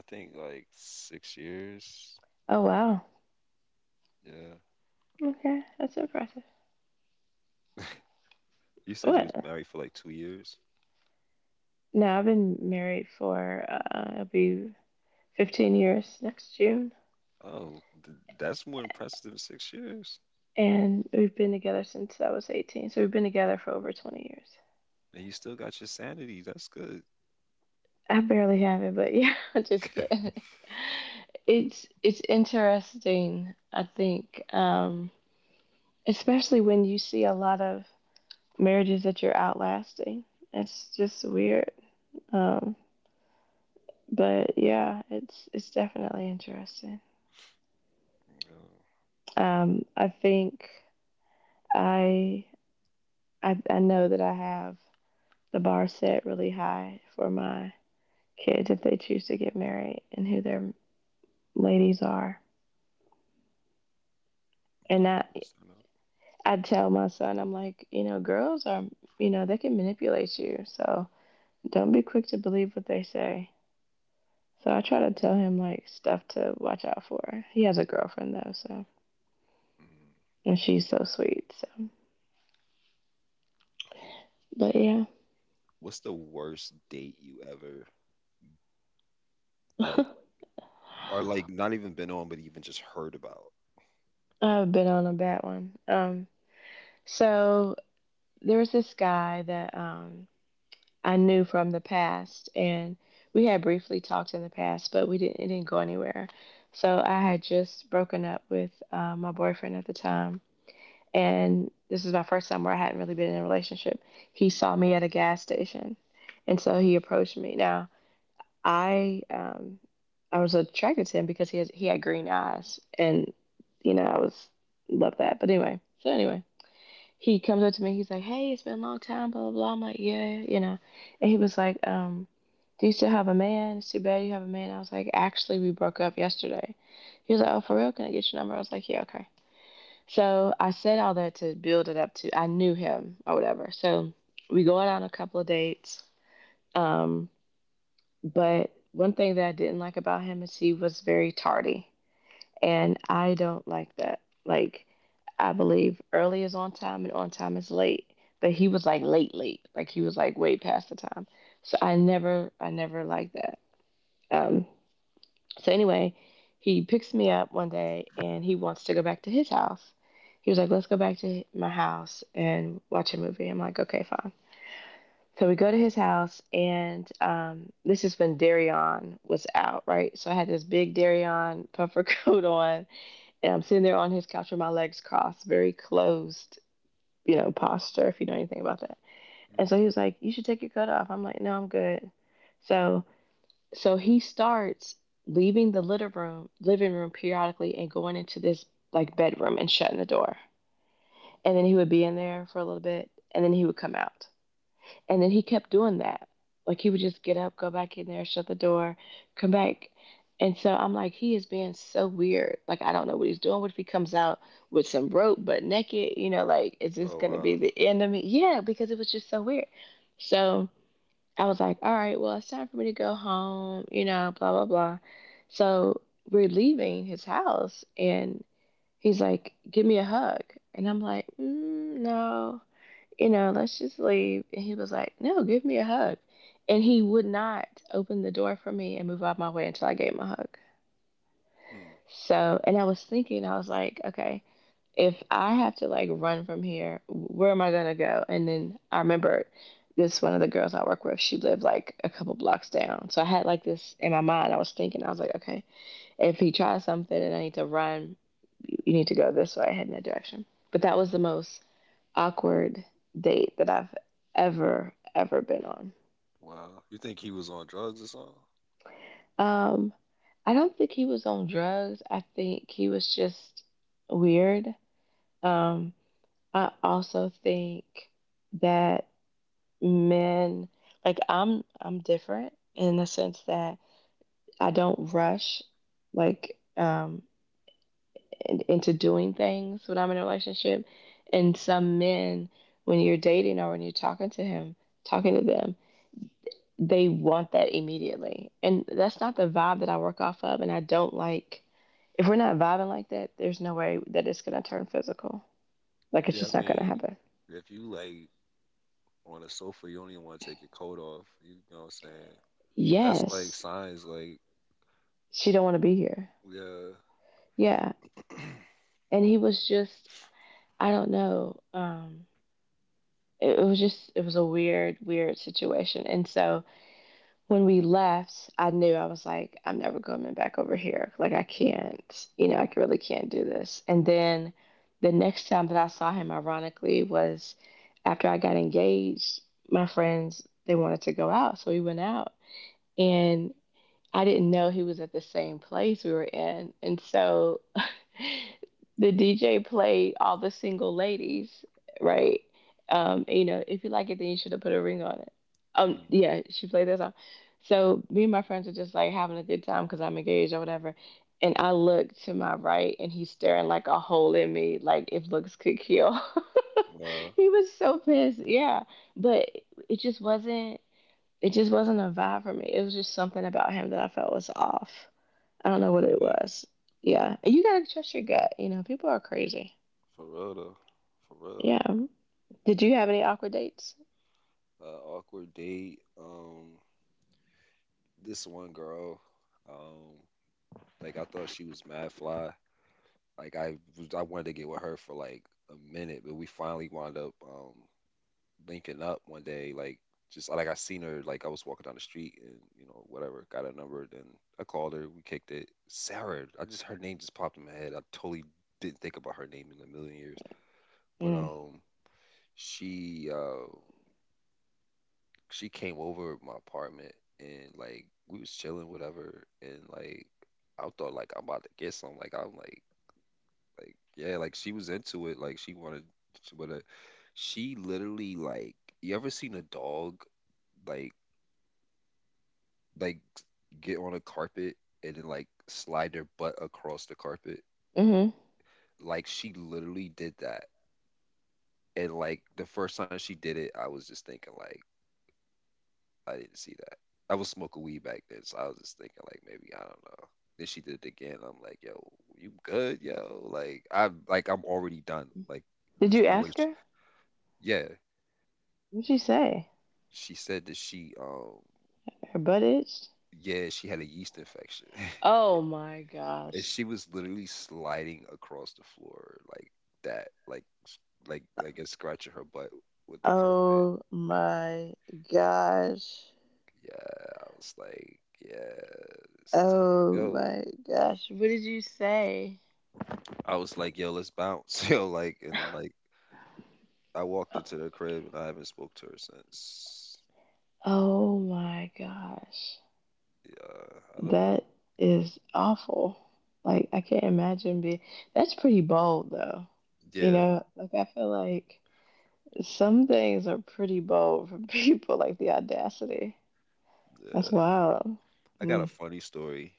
I think like 6 years.
Oh wow,
Yeah.
okay, that's impressive.
<laughs> You said you was
What?
married for like 2 years.
No, I've been married for it'll be 15 years next June,
Oh, that's more impressive than 6 years.
and we've been together since I was 18, so we've been together for over 20 years.
And you still got your sanity. That's good.
I barely have it, but yeah, <laughs> I'm just kidding. It's interesting, I think, especially when you see a lot of marriages that you're outlasting. It's just weird. Um, but yeah, it's definitely interesting.
Oh,
Um, I think I, I know that I have the bar set really high for my kids if they choose to get married and who their ladies are. And
I could stand up.
I tell my son, I'm like, you know, girls are, you know, they can manipulate you. So don't be quick to believe what they say. So I try to tell him, like, stuff to watch out for. He has a girlfriend, though, so.
Mm,
And she's so sweet. So,
cool.
but yeah,
What's the worst date you ever like, or like not even been on, but even just heard about?
<laughs> I've been on a bad one. So there was this guy that I knew from the past, and we had briefly talked in the past, but we didn't. It didn't go anywhere. So I had just broken up with my boyfriend at the time, and this is my first time where I hadn't really been in a relationship. He saw me at a gas station, and so he approached me. Now I um I was attracted to him because he had green eyes, and you know I was love that. But anyway, so anyway, he comes up to me. He's like, "Hey, it's been a long time." Blah blah blah. I'm like, "Yeah, you know," and he was like, Do you still have a man? It's too bad you have a man. I was like, actually, we broke up yesterday. He was like, oh, for real? Can I get your number? I was like, yeah, okay. So I said all that to build it up to I knew him or whatever. So we go out on a couple of dates. Um, but one thing that I didn't like about him is he was very tardy. And I don't like that. Like I believe early is on time and on time is late. But he was like late late. Like he was like way past the time. So I never liked that. Um, so anyway, he picks me up one day and he wants to go back to his house. He was like, "Let's go back to my house and watch a movie." I'm like, "Okay, fine." So we go to his house, and this is when Darion was out, right? So I had this big Darion puffer <laughs> coat on, and I'm sitting there on his couch with my legs crossed, very closed, you know, posture, if you know anything about that. And
Mm-hmm.
so he was like, You should take your coat off. I'm like, No, I'm good. So he starts leaving the living room periodically and going into this like bedroom and shutting the door. And then he would be in there for a little bit and then he would come out. And then he kept doing that. Like he would just get up, go back in there, shut the door, come back. And so I'm like, he is being so weird. Like I don't know what he's doing. What if he comes out with some rope but naked? Like is this
Oh
gonna
wow.
be the end of me? Yeah, because it was just so weird. So I was like, all right, well, it's time for me to go home, blah, blah, blah. So we're leaving his house and he's like, give me a hug. And I'm like, no, let's just leave. And he was like, no, give me a hug. And he would not open the door for me and move out of my way until I gave him a hug.
Hmm.
So, and I was thinking, I was like, okay, if I have to like run from here, where am I gonna go? And then I remember this one of the girls I work with, she lived like a couple blocks down. So I had like this in my mind. I was thinking, I was like, okay, if he tries something and I need to run, you need to go this way, head in that direction. But that was the most awkward date that I've ever been on.
Wow. You think he was on drugs or something?
Um, I don't think he was on drugs. I think he was just weird. Um, I also think that men like I'm different in the sense that I don't rush like into doing things when I'm in a relationship, and some men when you're dating or when you're talking to him talking to them, they want that immediately, and that's not the vibe that I work off of. And I don't like, if we're not vibing like that, there's no way that it's going to turn physical. Like it's
Yeah,
just
I
not going to
mean,
happen.
if you like on a sofa, you don't even want to take your coat off. You know what I'm saying? That's like
Yes,
signs, like
she don't want to be here.
yeah.
Yeah.
<clears throat>
And he was just, I don't know. It was just, it was a weird, weird situation. And so when we left, I knew I was like, I'm never coming back over here. Like, I can't, you know, I really can't do this. And then the next time that I saw him, ironically, was after I got engaged. My friends, they wanted to go out. So we went out. And I didn't know he was at the same place we were in. And so <laughs> the DJ played all the single ladies, right? You know, if you like it, then you should have put a ring on it.
Mm.
Yeah, she played that song. So me and my friends are just like having a good time because I'm engaged or whatever. And I look to my right, and he's staring like a hole in me, like if looks could kill. <laughs>
Wow.
he was so pissed, yeah. But it just wasn't it just wasn't a vibe for me. It was just something about him that I felt was off. I don't
Yeah,
know what it
really.
was. Yeah. And you gotta trust your gut. You know, people are crazy.
For real though. For real.
Yeah. Did you have any awkward dates?
Awkward date. This one girl. Um, like I thought she was mad fly. Like I wanted to get with her for like a minute, but we finally wound up linking up one day. Like just like I seen her. Like I was walking down the street and you know whatever. Got her number. Then I called her. We kicked it. Sarah. I just her name just popped in my head. I totally didn't think about her name in a million years. But
Mm.
she uh she came over at my apartment, and like we was chilling, whatever, and like I thought like I'm about to get some. Like I'm like yeah, like she was into it. Like she wanted, but she literally like you ever seen a dog like like get on a carpet and then like slide their butt across the carpet?
Hmm.
Like she literally did that. And like the first time she did it, I was just thinking like, I didn't see that. I was smoking weed back then, so I was just thinking like maybe I don't know. Then she did it again. I'm like, yo, you good, yo? Like I'm already done. Like
Did
there's
you
no way.
ask
She,
her?
yeah,
What'd she say?
she said that she
Her butt itched?
yeah she had a yeast infection,
Oh my
<laughs> and
gosh.
she was literally sliding across the floor like that, like like I guess scratching her butt with the carpet.
Oh my gosh.
Yeah, I was like, yeah, it's time.
Oh
Yo,
my gosh. What did you say?
I was like, yo, let's bounce. <laughs> Yo, like and like. I walked into their crib and I haven't spoke to her since.
Oh my gosh.
Yeah, I don't know.
That is awful. Like I can't imagine being, that's pretty bold though. You
Yeah,
know, like I feel like some things are pretty bold for <laughs> people, like the audacity. That's
yeah.
wild.
I got a
Mm.
funny story.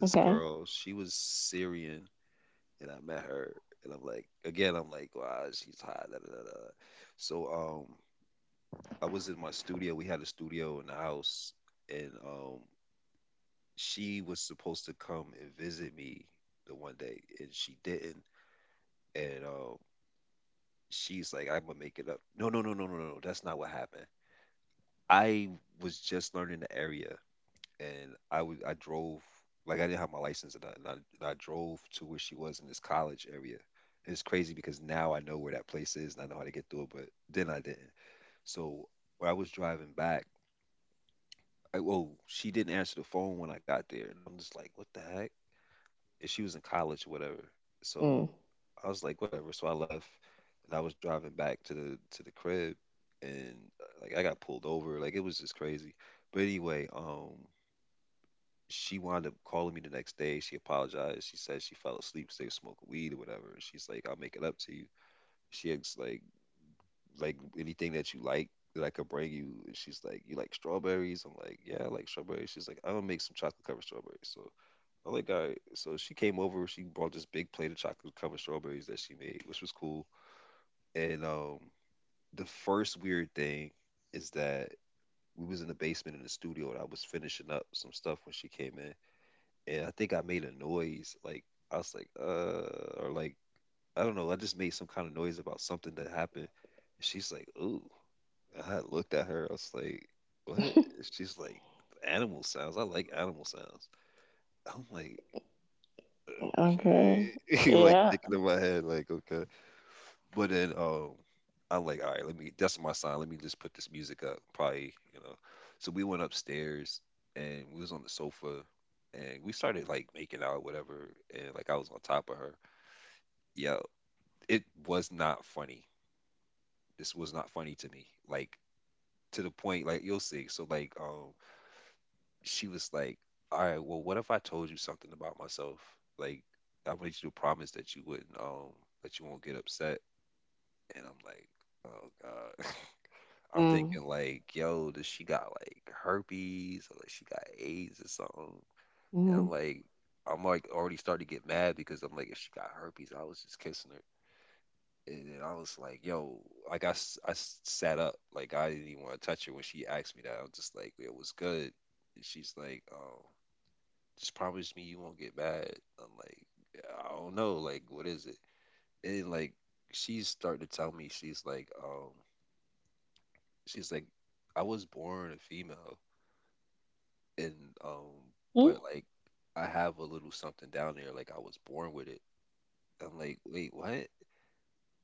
This
Okay.
girl, she was Syrian, and I met her, and I'm like, again, I'm like, wow, she's hot. Da, da, da, da. So, I was in my studio. We had a studio in the house, and she was supposed to come and visit me the one day, and she didn't. And she's like, I'm gonna make it up. No, no, no, no, no, no. No, that's not what happened. I was just learning the area, and I drove, like I didn't have my license, and I drove to where she was in this college area. It's crazy because now I know where that place is and I know how to get through it, but then I didn't. So when I was driving back, well, she didn't answer the phone when I got there, and I'm just like, what the heck? And she was in college or whatever.
Mm.
So I was like, whatever. So I left, and I was driving back to the crib, and like I got pulled over. Like it was just crazy. But anyway, she wound up calling me the next day. She apologized. She said she fell asleep 'cause they were smoking weed or whatever. And she's like, I'll make it up to you. She asked like anything that you like that I could bring you. And she's like, you like strawberries? I'm like, yeah, I like strawberries. She's like, I'm gonna make some chocolate covered strawberries. So I'm like, all right. So she came over, she brought this big plate of chocolate covered strawberries that she made, which was cool. And the first weird thing is that we was in the basement in the studio, and I was finishing up some stuff when she came in, and I think I made a noise. Like I was like, or like I don't know. I just made some kind of noise about something that happened. And she's like, ooh. And I looked at her. I was like, what? And
<laughs>
she's like, animal sounds. I like animal sounds. I'm like,
Okay.
okay. <laughs> Like
Yeah.
thinking in my head, like, okay. But then I'm like, all right, let me. That's my sign. Let me just put this music up. Probably. So we went upstairs and we was on the sofa, and we started like making out, whatever. And like I was on top of her. Yeah, it was not funny. This was not funny to me. Like to the point, like you'll see. So like, she was like, all right, well, what if I told you something about myself? Like, I want you to promise that you wouldn't, that you won't get upset. And I'm like, oh God. <laughs> I'm
Mm.
thinking like, yo, does she got like herpes or like she got AIDS or something? And
Mm.
I'm like already starting to get mad because I'm like, if she got herpes, I was just kissing her. And then I was like, yo, like sat up, like I didn't even want to touch her when she asked me that. I was just like, it was good. And she's like, just promise me you won't get mad. I'm like, I don't know, like what is it? And then like she's starting to tell me she's like, I was born a female. And um
Mm.
but like I have a little something down there. Like I was born with it. I'm like, "Wait, what?" And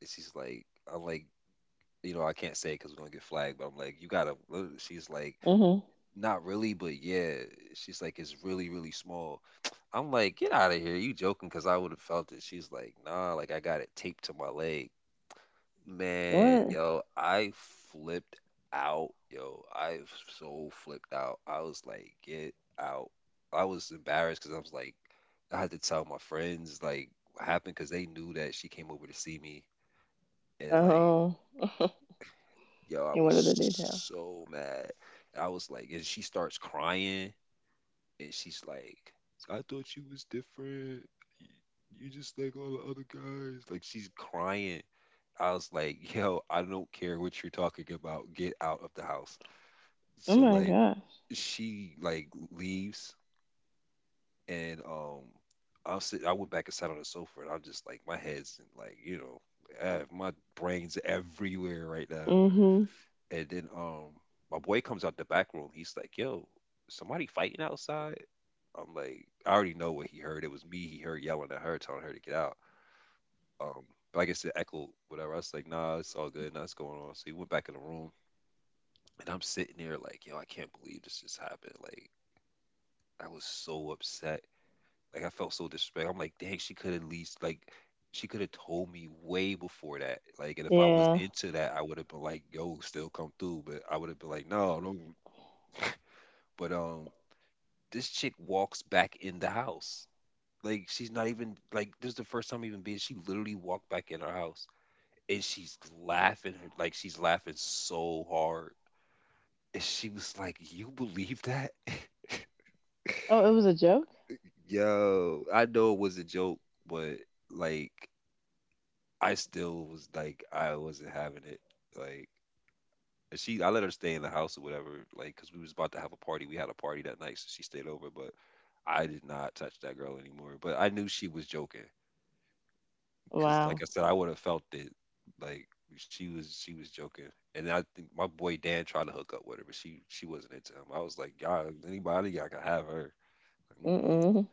she's like, I'm like, you know, I can't say because we're gonna get flagged, but I'm like, you gotta. She's like,
Mm-hmm.
not really, but yeah. She's like, it's really, really small. I'm like, get out of here. You joking? Because I would have felt it. She's like, nah, like I got it taped to my leg. Man,
What?
yo, I flipped out. Yo, I so flipped out. I was like, get out. I was embarrassed because I was like, I had to tell my friends like what happened because they knew that she came over to see me. And like,
Oh. <laughs>
yo, I
and
was
what are the details?
so mad. I was like, and she starts crying and she's like, I thought you was different. You you just like all the other guys. Like she's crying. I was like, yo, I don't care what you're talking about. Get out of the house.
Oh
So
my
like
gosh.
she like leaves and I was sit I went back and sat on the sofa and I'm just like my head's in, like, you know, my brain's everywhere right now.
Mm-hmm.
And then my boy comes out the back room. He's like, yo, somebody fighting outside? I'm like, I already know what he heard. It was me. He heard yelling at her, telling her to get out. Um, but I guess it echoed whatever. I was like, nah, it's all good. Nothing's going on. So he went back in the room. And I'm sitting there like, yo, I can't believe this just happened. Like, I was so upset. Like, I felt so disrespected. I'm like, dang, she could at least, like, she could have told me way before that. Like, and if I was
Yeah.
into that, I would have been like, yo, still come through. But I would have been like, no, no. <laughs> But, this chick walks back in the house. Like, she's not even, like, this is the first time even being, she literally walked back in her house and she's laughing, her like, she's laughing so hard. And she was like, you believe that? <laughs>
Oh, it was a joke?
Yo, I know it was a joke, but like I still was like I wasn't having it. Like I let her stay in the house or whatever. Like because we was about to have a party. We had a party that night, so she stayed over. But I did not touch that girl anymore. But I knew she was joking because, like
Wow.
I said, I would have felt it. Like she was joking. And I think my boy Dan tried to hook up with her, but she wasn't into him. I was like, God, anybody, I could have her.
Mm.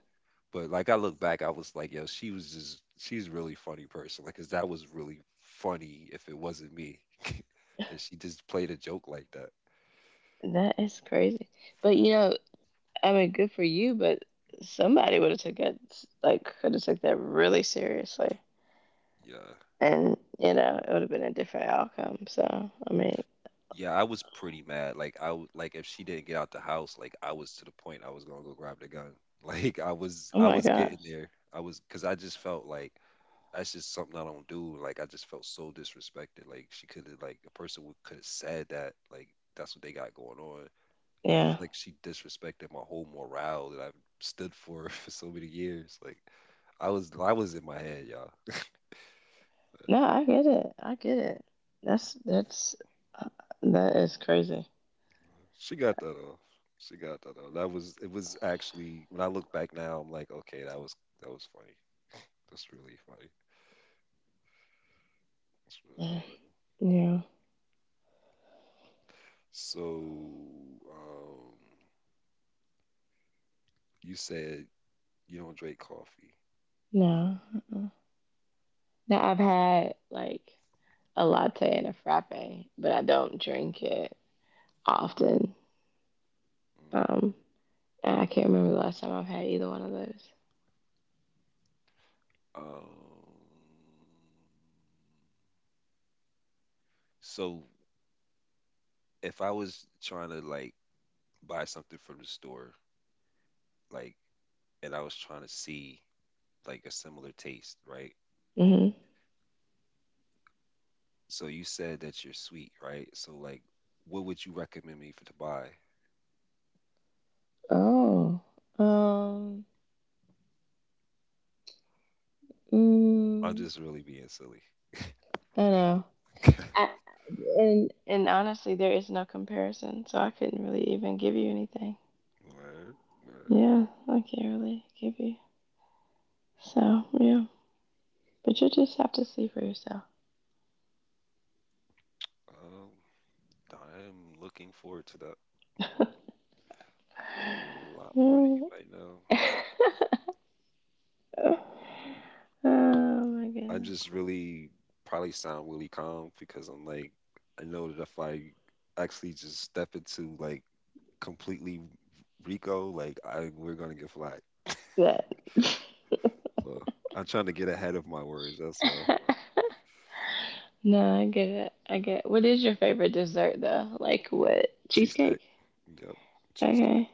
But like I look back, I was like, yo, she was just she's a really funny person. Like, cause that was really funny if it wasn't me <laughs> that she just played a joke like that.
That is crazy. But you know, I mean, good for you, but somebody would have took it, like could have took that really seriously.
Yeah.
And, you know, it would have been a different outcome. So, I mean,
Yeah, I was pretty mad. Like like if she didn't get out the house, like I was to the point I was gonna go grab the gun. <laughs> Like
oh
I
my
was getting
gosh.
there. I was because I just felt like that's just something I don't do. Like I just felt so disrespected. Like she could have, like a person would could have said that. Like that's what they got going on. Like I
Yeah.
feel like she disrespected my whole morale that I've stood for <laughs> for so many years. Like I was in my head, y'all. <laughs>
No, I get it. I get it. That's uh, that is crazy.
She got that off. She got that off. That was, it was actually, when I look back now, I'm like, okay, that was funny. That's really funny. That's really
Yeah.
funny.
No.
So, um, you said you don't drink coffee.
No. Uh-uh. Now I've had like a latte and a frappe, but I don't drink it often. Um, and I can't remember the last time I've had either one of those.
Mm. So if I was trying to like buy something from the store, like and I was trying to see like a similar taste, right?
Hmm.
So you said that you're sweet, right? So like, what would you recommend me for to buy?
Oh. Um.
I'm
Mm,
just really being silly.
I don't know.
<laughs>
I, and honestly, there is no comparison, so I couldn't really even give you anything.
Word, word.
Yeah, I can't really give you. So yeah, but you just have to see for yourself.
Um, I'm looking forward to that a lot more than you
Mm.
might know.
<laughs> oh my
I
goodness.
just really probably sound really calm because I'm like, I know that if I actually just step into like completely Rico, like I we're gonna get flack.
That.
So I'm trying to get ahead of my words. That's all.
<laughs> no, I get it. I get it. What is your favorite dessert though? Like what? Cheesecake.
Cheesecake. Yeah, cheesecake.
Okay.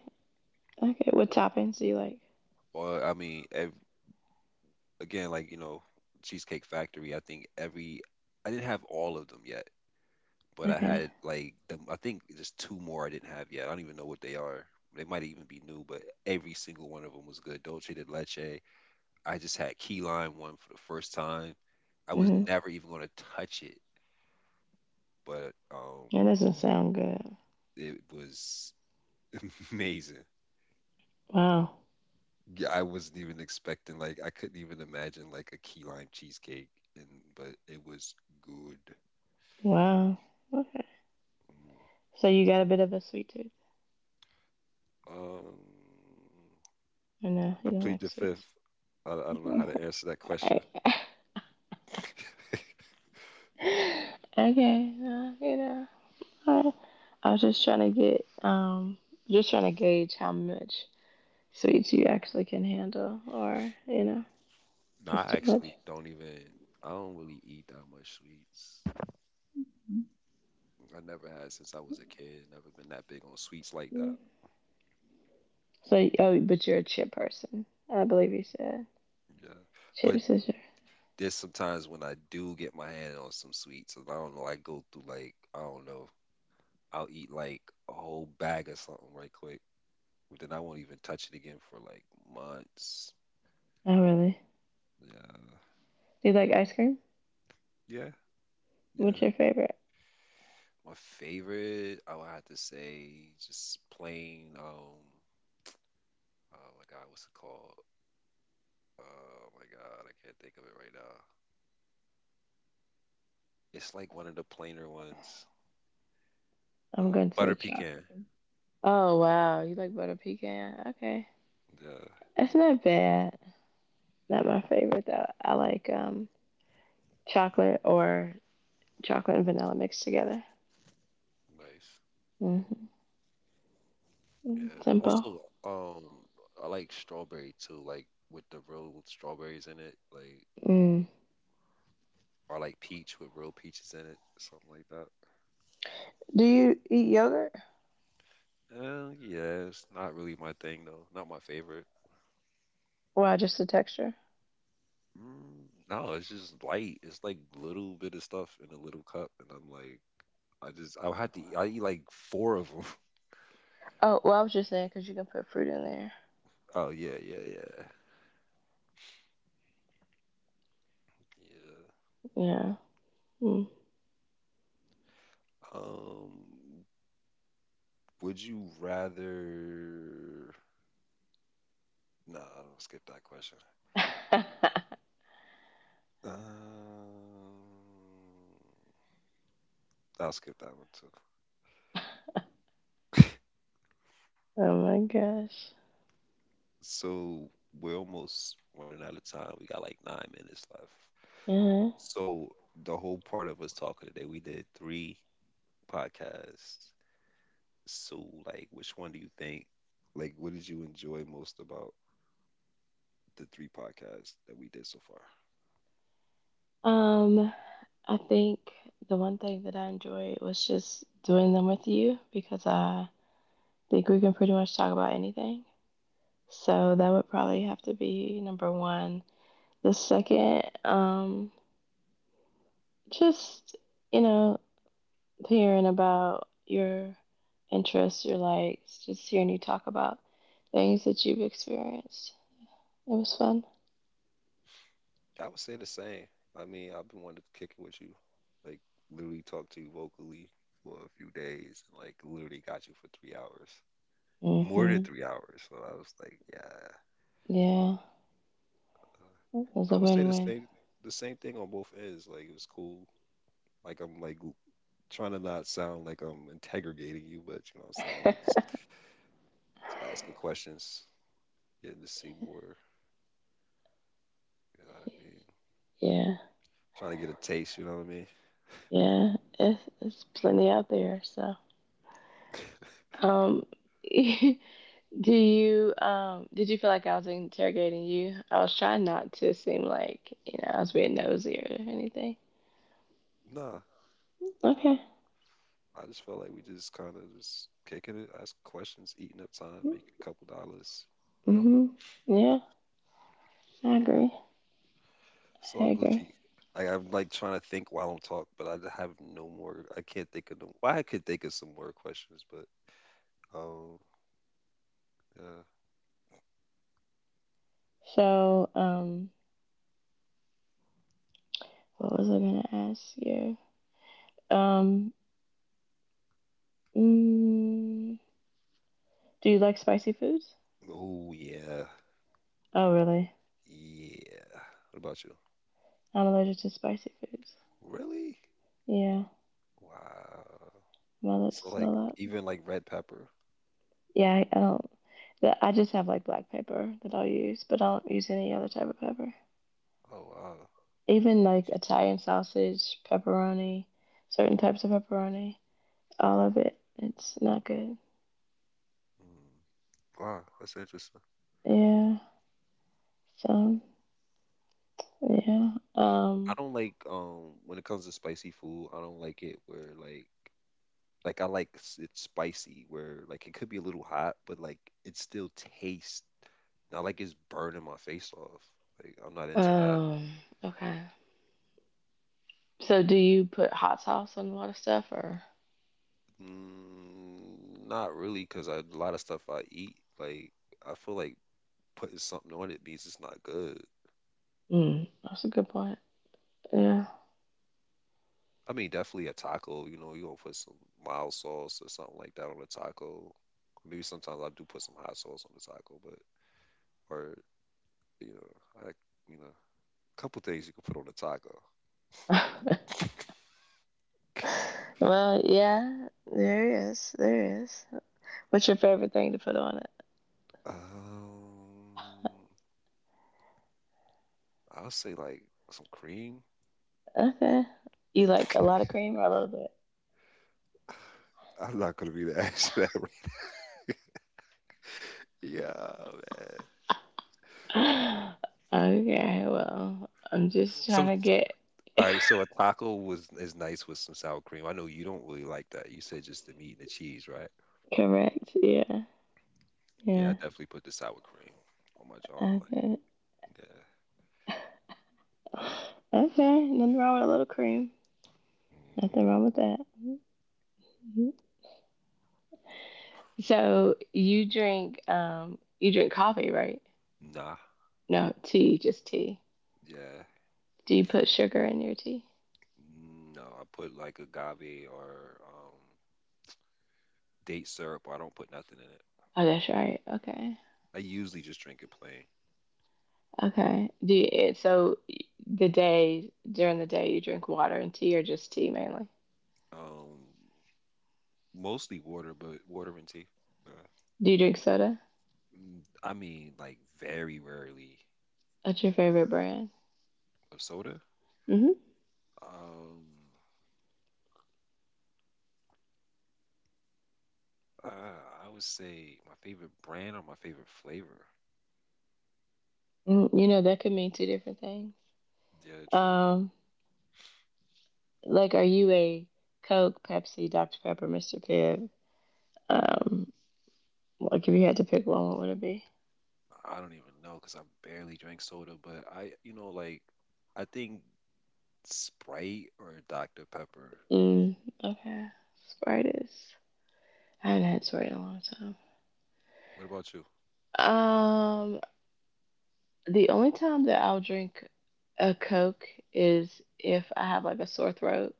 Okay. What toppings do you like?
Well, I mean, ev again, like, you know, Cheesecake Factory, I think every I didn't have all of them yet, but I
Okay.
had like them I think just two more I didn't have yet. I don't even know what they are. They might even be new, but every single one of them was good. Dolce de leche. I just had key lime one for the first time. I was
Mhm.
never even going to touch it, but
That doesn't sound good.
it was <laughs> amazing.
Wow.
Yeah, I wasn't even expecting, like I couldn't even imagine like a key lime cheesecake and but it was good.
Wow. Okay.
Mm.
So you got a bit of a sweet tooth.
Um,
I know you
I
don't
plead
like
the
sweets.
fifth. I don't know how to
Okay.
answer that question.
<laughs>
<laughs>
okay. You know. All right. I was just trying to get just trying to gauge how much sweets you actually can handle, or you know,
No,
if it's
I
too much.
actually don't even, I don't really eat that much sweets. I never had since I was a kid. Never been that big on sweets like that.
Mm. So, oh, but you're a chip person. I believe you said
Yeah. But
chips is your.
there's sometimes when I do get my hand on some sweets, and I don't know, I go through like I don't know, I'll eat like a whole bag of something right quick, but then I won't even touch it again for like months.
Oh, really?
Yeah,
Do you like ice cream?
yeah,
What's
yeah.
your favorite?
My favorite, I would have to say, just plain. Oh my God, what's it called? Oh my God, I can't think of it right now. It's like one of the plainer ones.
I'm going to the
Butter
chocolate.
pecan.
Oh wow, you like butter pecan? Okay,
Yeah,
that's not bad. Not my favorite though. I like chocolate or chocolate and vanilla mixed together.
nice.
Hmm.
Yeah.
Simple.
Also, um, I like strawberry too, like with the real strawberries in it. Like,
Mm.
or like peach with real peaches in it, something like that.
Do you eat yogurt?
Yeah, it's not really my thing though. Not my favorite.
Why just the texture?
Mm, no, it's just light. It's like little bit of stuff in a little cup, and I'm like, I just, I eat like four of them. <laughs>
Oh well, I was just saying because you can put fruit in there.
Oh yeah, yeah, yeah, yeah.
Yeah. Mm.
Um, would you rather? Nah, I'll skip that question.
<laughs>
Um, I'll skip that one too. <laughs>
oh my gosh.
So we're almost running out of time. We got like 9 minutes left.
uh
So the whole part of us talking today, we did three podcasts. So like, which one do you think? Like, what did you enjoy most about the three podcasts that we did so far?
Um, I think the one thing that I enjoyed was just doing them with you because I think we can pretty much talk about anything. So that would probably have to be number one. The second, just, you know, hearing about your interests, your likes, just hearing you talk about things that you've experienced. It was fun.
I would say the same. I mean, I've been wanting to kick it with you, like literally talk to you vocally for a few days, and like literally got you for 3 hours, more than
Mm-hmm.
3 hours. So I was like, yeah,
Yeah. It was
I
a
would say the
win-win.
same, the same thing on both ends. Like it was cool. Like I'm like trying to not sound like I'm interrogating you, but you know what I'm saying? Like
<laughs>
just asking questions, getting to see more, you know what I mean?
yeah.
Trying to get a taste, you know what I mean?
Yeah. It's plenty out there. So,
<laughs>
um, <laughs> you do you did you feel like I was interrogating you? I was trying not to seem like, you know, I was being nosy or anything.
Nah.
Okay.
I just felt like we just kind of just kicking it, asking questions, eating up time, making a couple dollars, you know?
Hmm. Yeah, I agree. I
So I
agree.
Gucci. I'm like trying to think while I'm talk, but have no more. I can't think of no. Well, I could think of some more questions, but um, yeah.
So, what was I gonna ask you? Um, mm, do you like spicy foods?
Oh yeah,
Oh, really?
yeah. What about you?
I'm allergic to spicy foods.
Really?
Yeah,
Wow.
my lips
So like
swell up.
even like red pepper.
Yeah, I don't. That, I just have like black pepper that I'll use, but I don't use any other type of pepper.
Oh wow.
Even like Italian sausage, pepperoni, certain types of pepperoni, all of it. It's not good.
Mm. Wow, that's interesting.
Yeah. So yeah.
I
Um.
don't like when it comes to spicy food, I don't like it where like I like it's spicy where like it could be a little hot, but like it still tastes not like it's burning my face off. Like I'm not into that.
Um. Okay. So do you put hot sauce on a lot of stuff, or?
Mm, not really, because a lot of stuff I eat, like I feel like putting something on it means it's not good.
Mm, that's a good point. Yeah.
I mean, definitely a taco. You know, you gonna put some mild sauce or something like that on a taco. Maybe sometimes I do put some hot sauce on the taco, but or you know, I you know, a couple things you can put on a taco.
<laughs> well, yeah. There is. There is. What's your favorite thing to put on it?
Um, I'll say like some cream.
Okay. You like a lot of cream or a little bit?
<laughs> I'm not gonna be the answer that. <laughs> Yeah, man.
<sighs> <laughs> Okay, well, I'm just trying
Some
to get
all right. So a taco was is nice with some sour cream. I know you don't really like that. You said just the meat and the cheese, right?
correct. Yeah,
Yeah, I
yeah.
definitely put the sour cream on my jaw. Like,
Okay,
yeah.
okay. Nothing wrong with a little cream.
Hmm.
Nothing wrong with that. Mhm. So you drink coffee, right?
Nah.
No, tea, just tea.
Yeah.
Do you put sugar in your tea?
No, I put like agave or date syrup. Or I don't put nothing in it.
Oh,
Like,
that's right. Okay,
I usually just drink it plain.
okay. Do you, it, so the day during the day you drink water and tea, or just tea mainly?
Um, mostly water, but water and tea. Yeah.
Do you drink soda?
Mm, I mean, like very rarely
What's your favorite brand?
of soda.
Mm-hmm.
Um, uh, I would say my favorite brand or my favorite flavor.
Mm, you know, that could mean two different things.
Yeah, true.
Um, like, are you a Coke, Pepsi, Dr. Pepper, Mr. Pibb? Um, like, if you had to pick one, what would it be?
I don't even know because I barely drink soda, but I, you know, like I think Sprite or Dr. Pepper.
Mm, okay. Sprite is. I haven't had Sprite in a long
What about you?
time. The only time that I'll drink a Coke is if I have like a sore throat,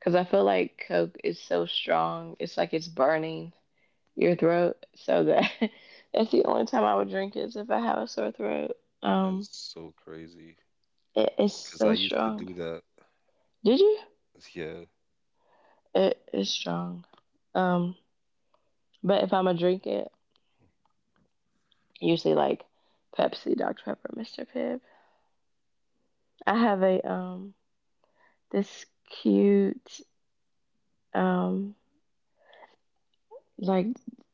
because I feel like Coke is so strong. It's like it's burning your throat. So that <laughs> that's the only time I would drink is if I have a sore throat.
That's
Um,
so crazy
it's
because I
so
used to
strong.
do that.
Did you?
Yeah,
It is strong. Um, but if I'm gonna drink it, usually like Pepsi, Dr Pepper, Mr Pibb. I have a this cute um like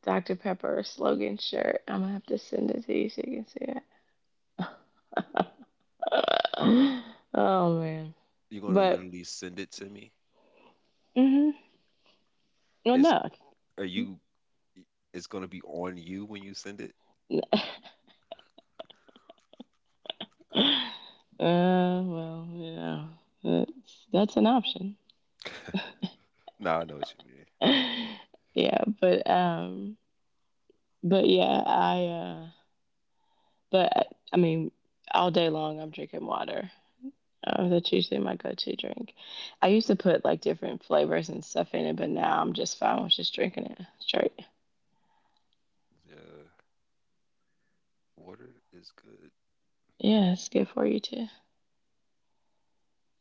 Dr Pepper slogan shirt. I'm gonna have to send it to you so you can see it. <gasps> <laughs> oh man,
you're gonna
but
literally send it to me.
mm-hmm. Well
It's
no,
are you? It's gonna be on you when you send it.
no. Well, you know, that's an option.
Nah, I know what you mean.
<laughs> yeah, but yeah, I but I mean, all day long I'm drinking water. That's usually my go-to drink. I used to put like different flavors and stuff in it, but now I'm just fine with just drinking it straight.
Yeah, water is good.
Yeah, it's good for you too.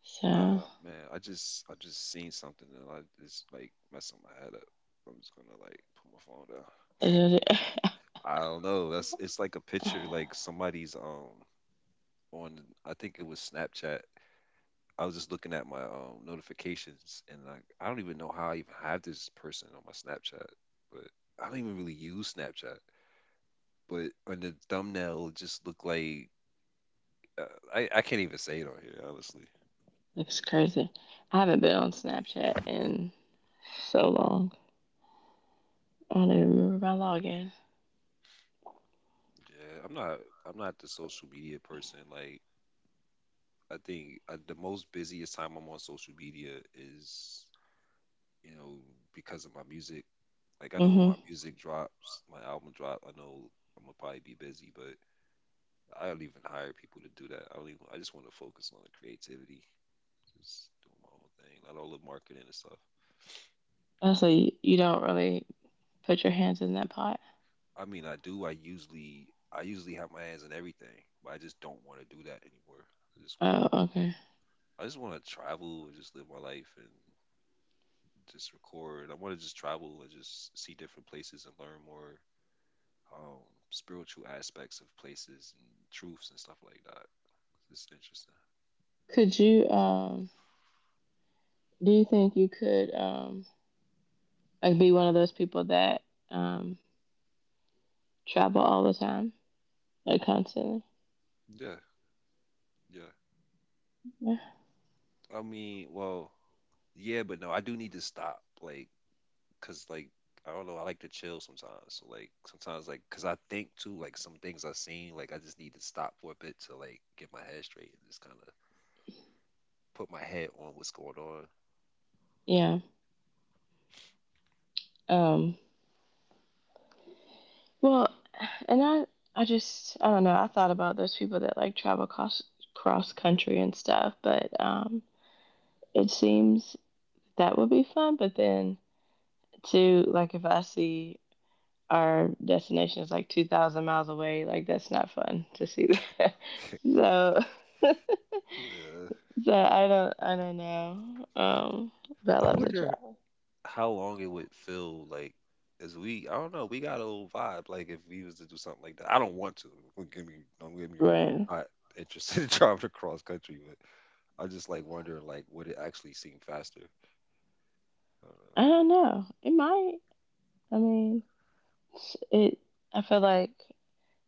So
Man, I just, I just seen something and I just like messing my head up. I'm just gonna like put my phone down.
it
I don't know. That's, it's like a picture like
<laughs>
somebody's on I think it was Snapchat. I was just looking at my notifications and I don't even know how I even have this person on my Snapchat, but I don't even really use Snapchat. But on the thumbnail it just looked like uh, I can't even say it on here, honestly.
looks crazy. I haven't been on Snapchat in so long. I don't even remember my login.
Yeah, I'm not the social media person. Like I think the most busiest time I'm on social media is you know because of my music. Like I know when my
Hmm.
music drops, my album drop, I know I'm gonna probably be busy, but I don't even hire people to do that. I don't even. I just want to focus on the creativity, just doing my own thing, not all the marketing and stuff.
Oh, so you don't really put your hands in that pot.
I mean, I do. I usually have my hands in everything, but I just don't want to do that anymore. I just want to.
Oh, okay.
I just want to travel and just live my life and just record. I want to just travel and just see different places and learn more um, spiritual aspects of places and truths and stuff like that. It's interesting.
Could you do you think you could like be one of those people that um travel all the time? Like constantly?
Yeah, yeah.
Yeah.
I mean, well, yeah, but no, I do need to stop, like, cause like I don't know, I like to chill sometimes. So like sometimes like, cause I think too, like some things I've seen, like I just need to stop for a bit to like get my head straight and just kind of put my head on what's going on.
Yeah. Um well, and I just I don't know, I thought about those people that like travel cross country and stuff, but it seems that would be fun, but then too like if I see our destination is like 2,000 miles away. Like that's not fun to see that. <laughs> so, <laughs>
Yeah.
so I don't know. But I
I
love the
wonder
job.
how long it would feel like. As we, I don't know, we got a little vibe. Like if we was to do something like that, I don't want to. Don't get me, don't get me wrong.
Right.
I'm not interested <laughs> in driving across country, but. I just like wondering like would it actually seem faster? I don't
I don't know. It might. I mean, it. I feel like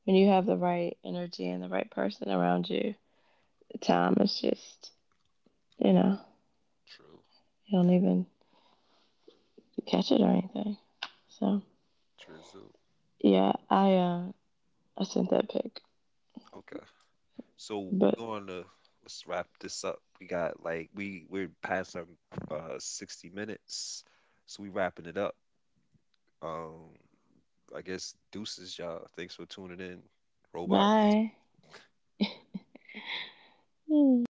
when you have the right energy and the right person around you, the time is just, you know,
know.
you don't even catch it or anything. So
True. Trizu.
yeah, I sent that pic.
Okay. So we're
But
going to, let's wrap this up. We got like we're past our 60 minutes. So we wrapping it up. Um I guess deuces y'all. Thanks for tuning in. Robots.
bye. Hmm.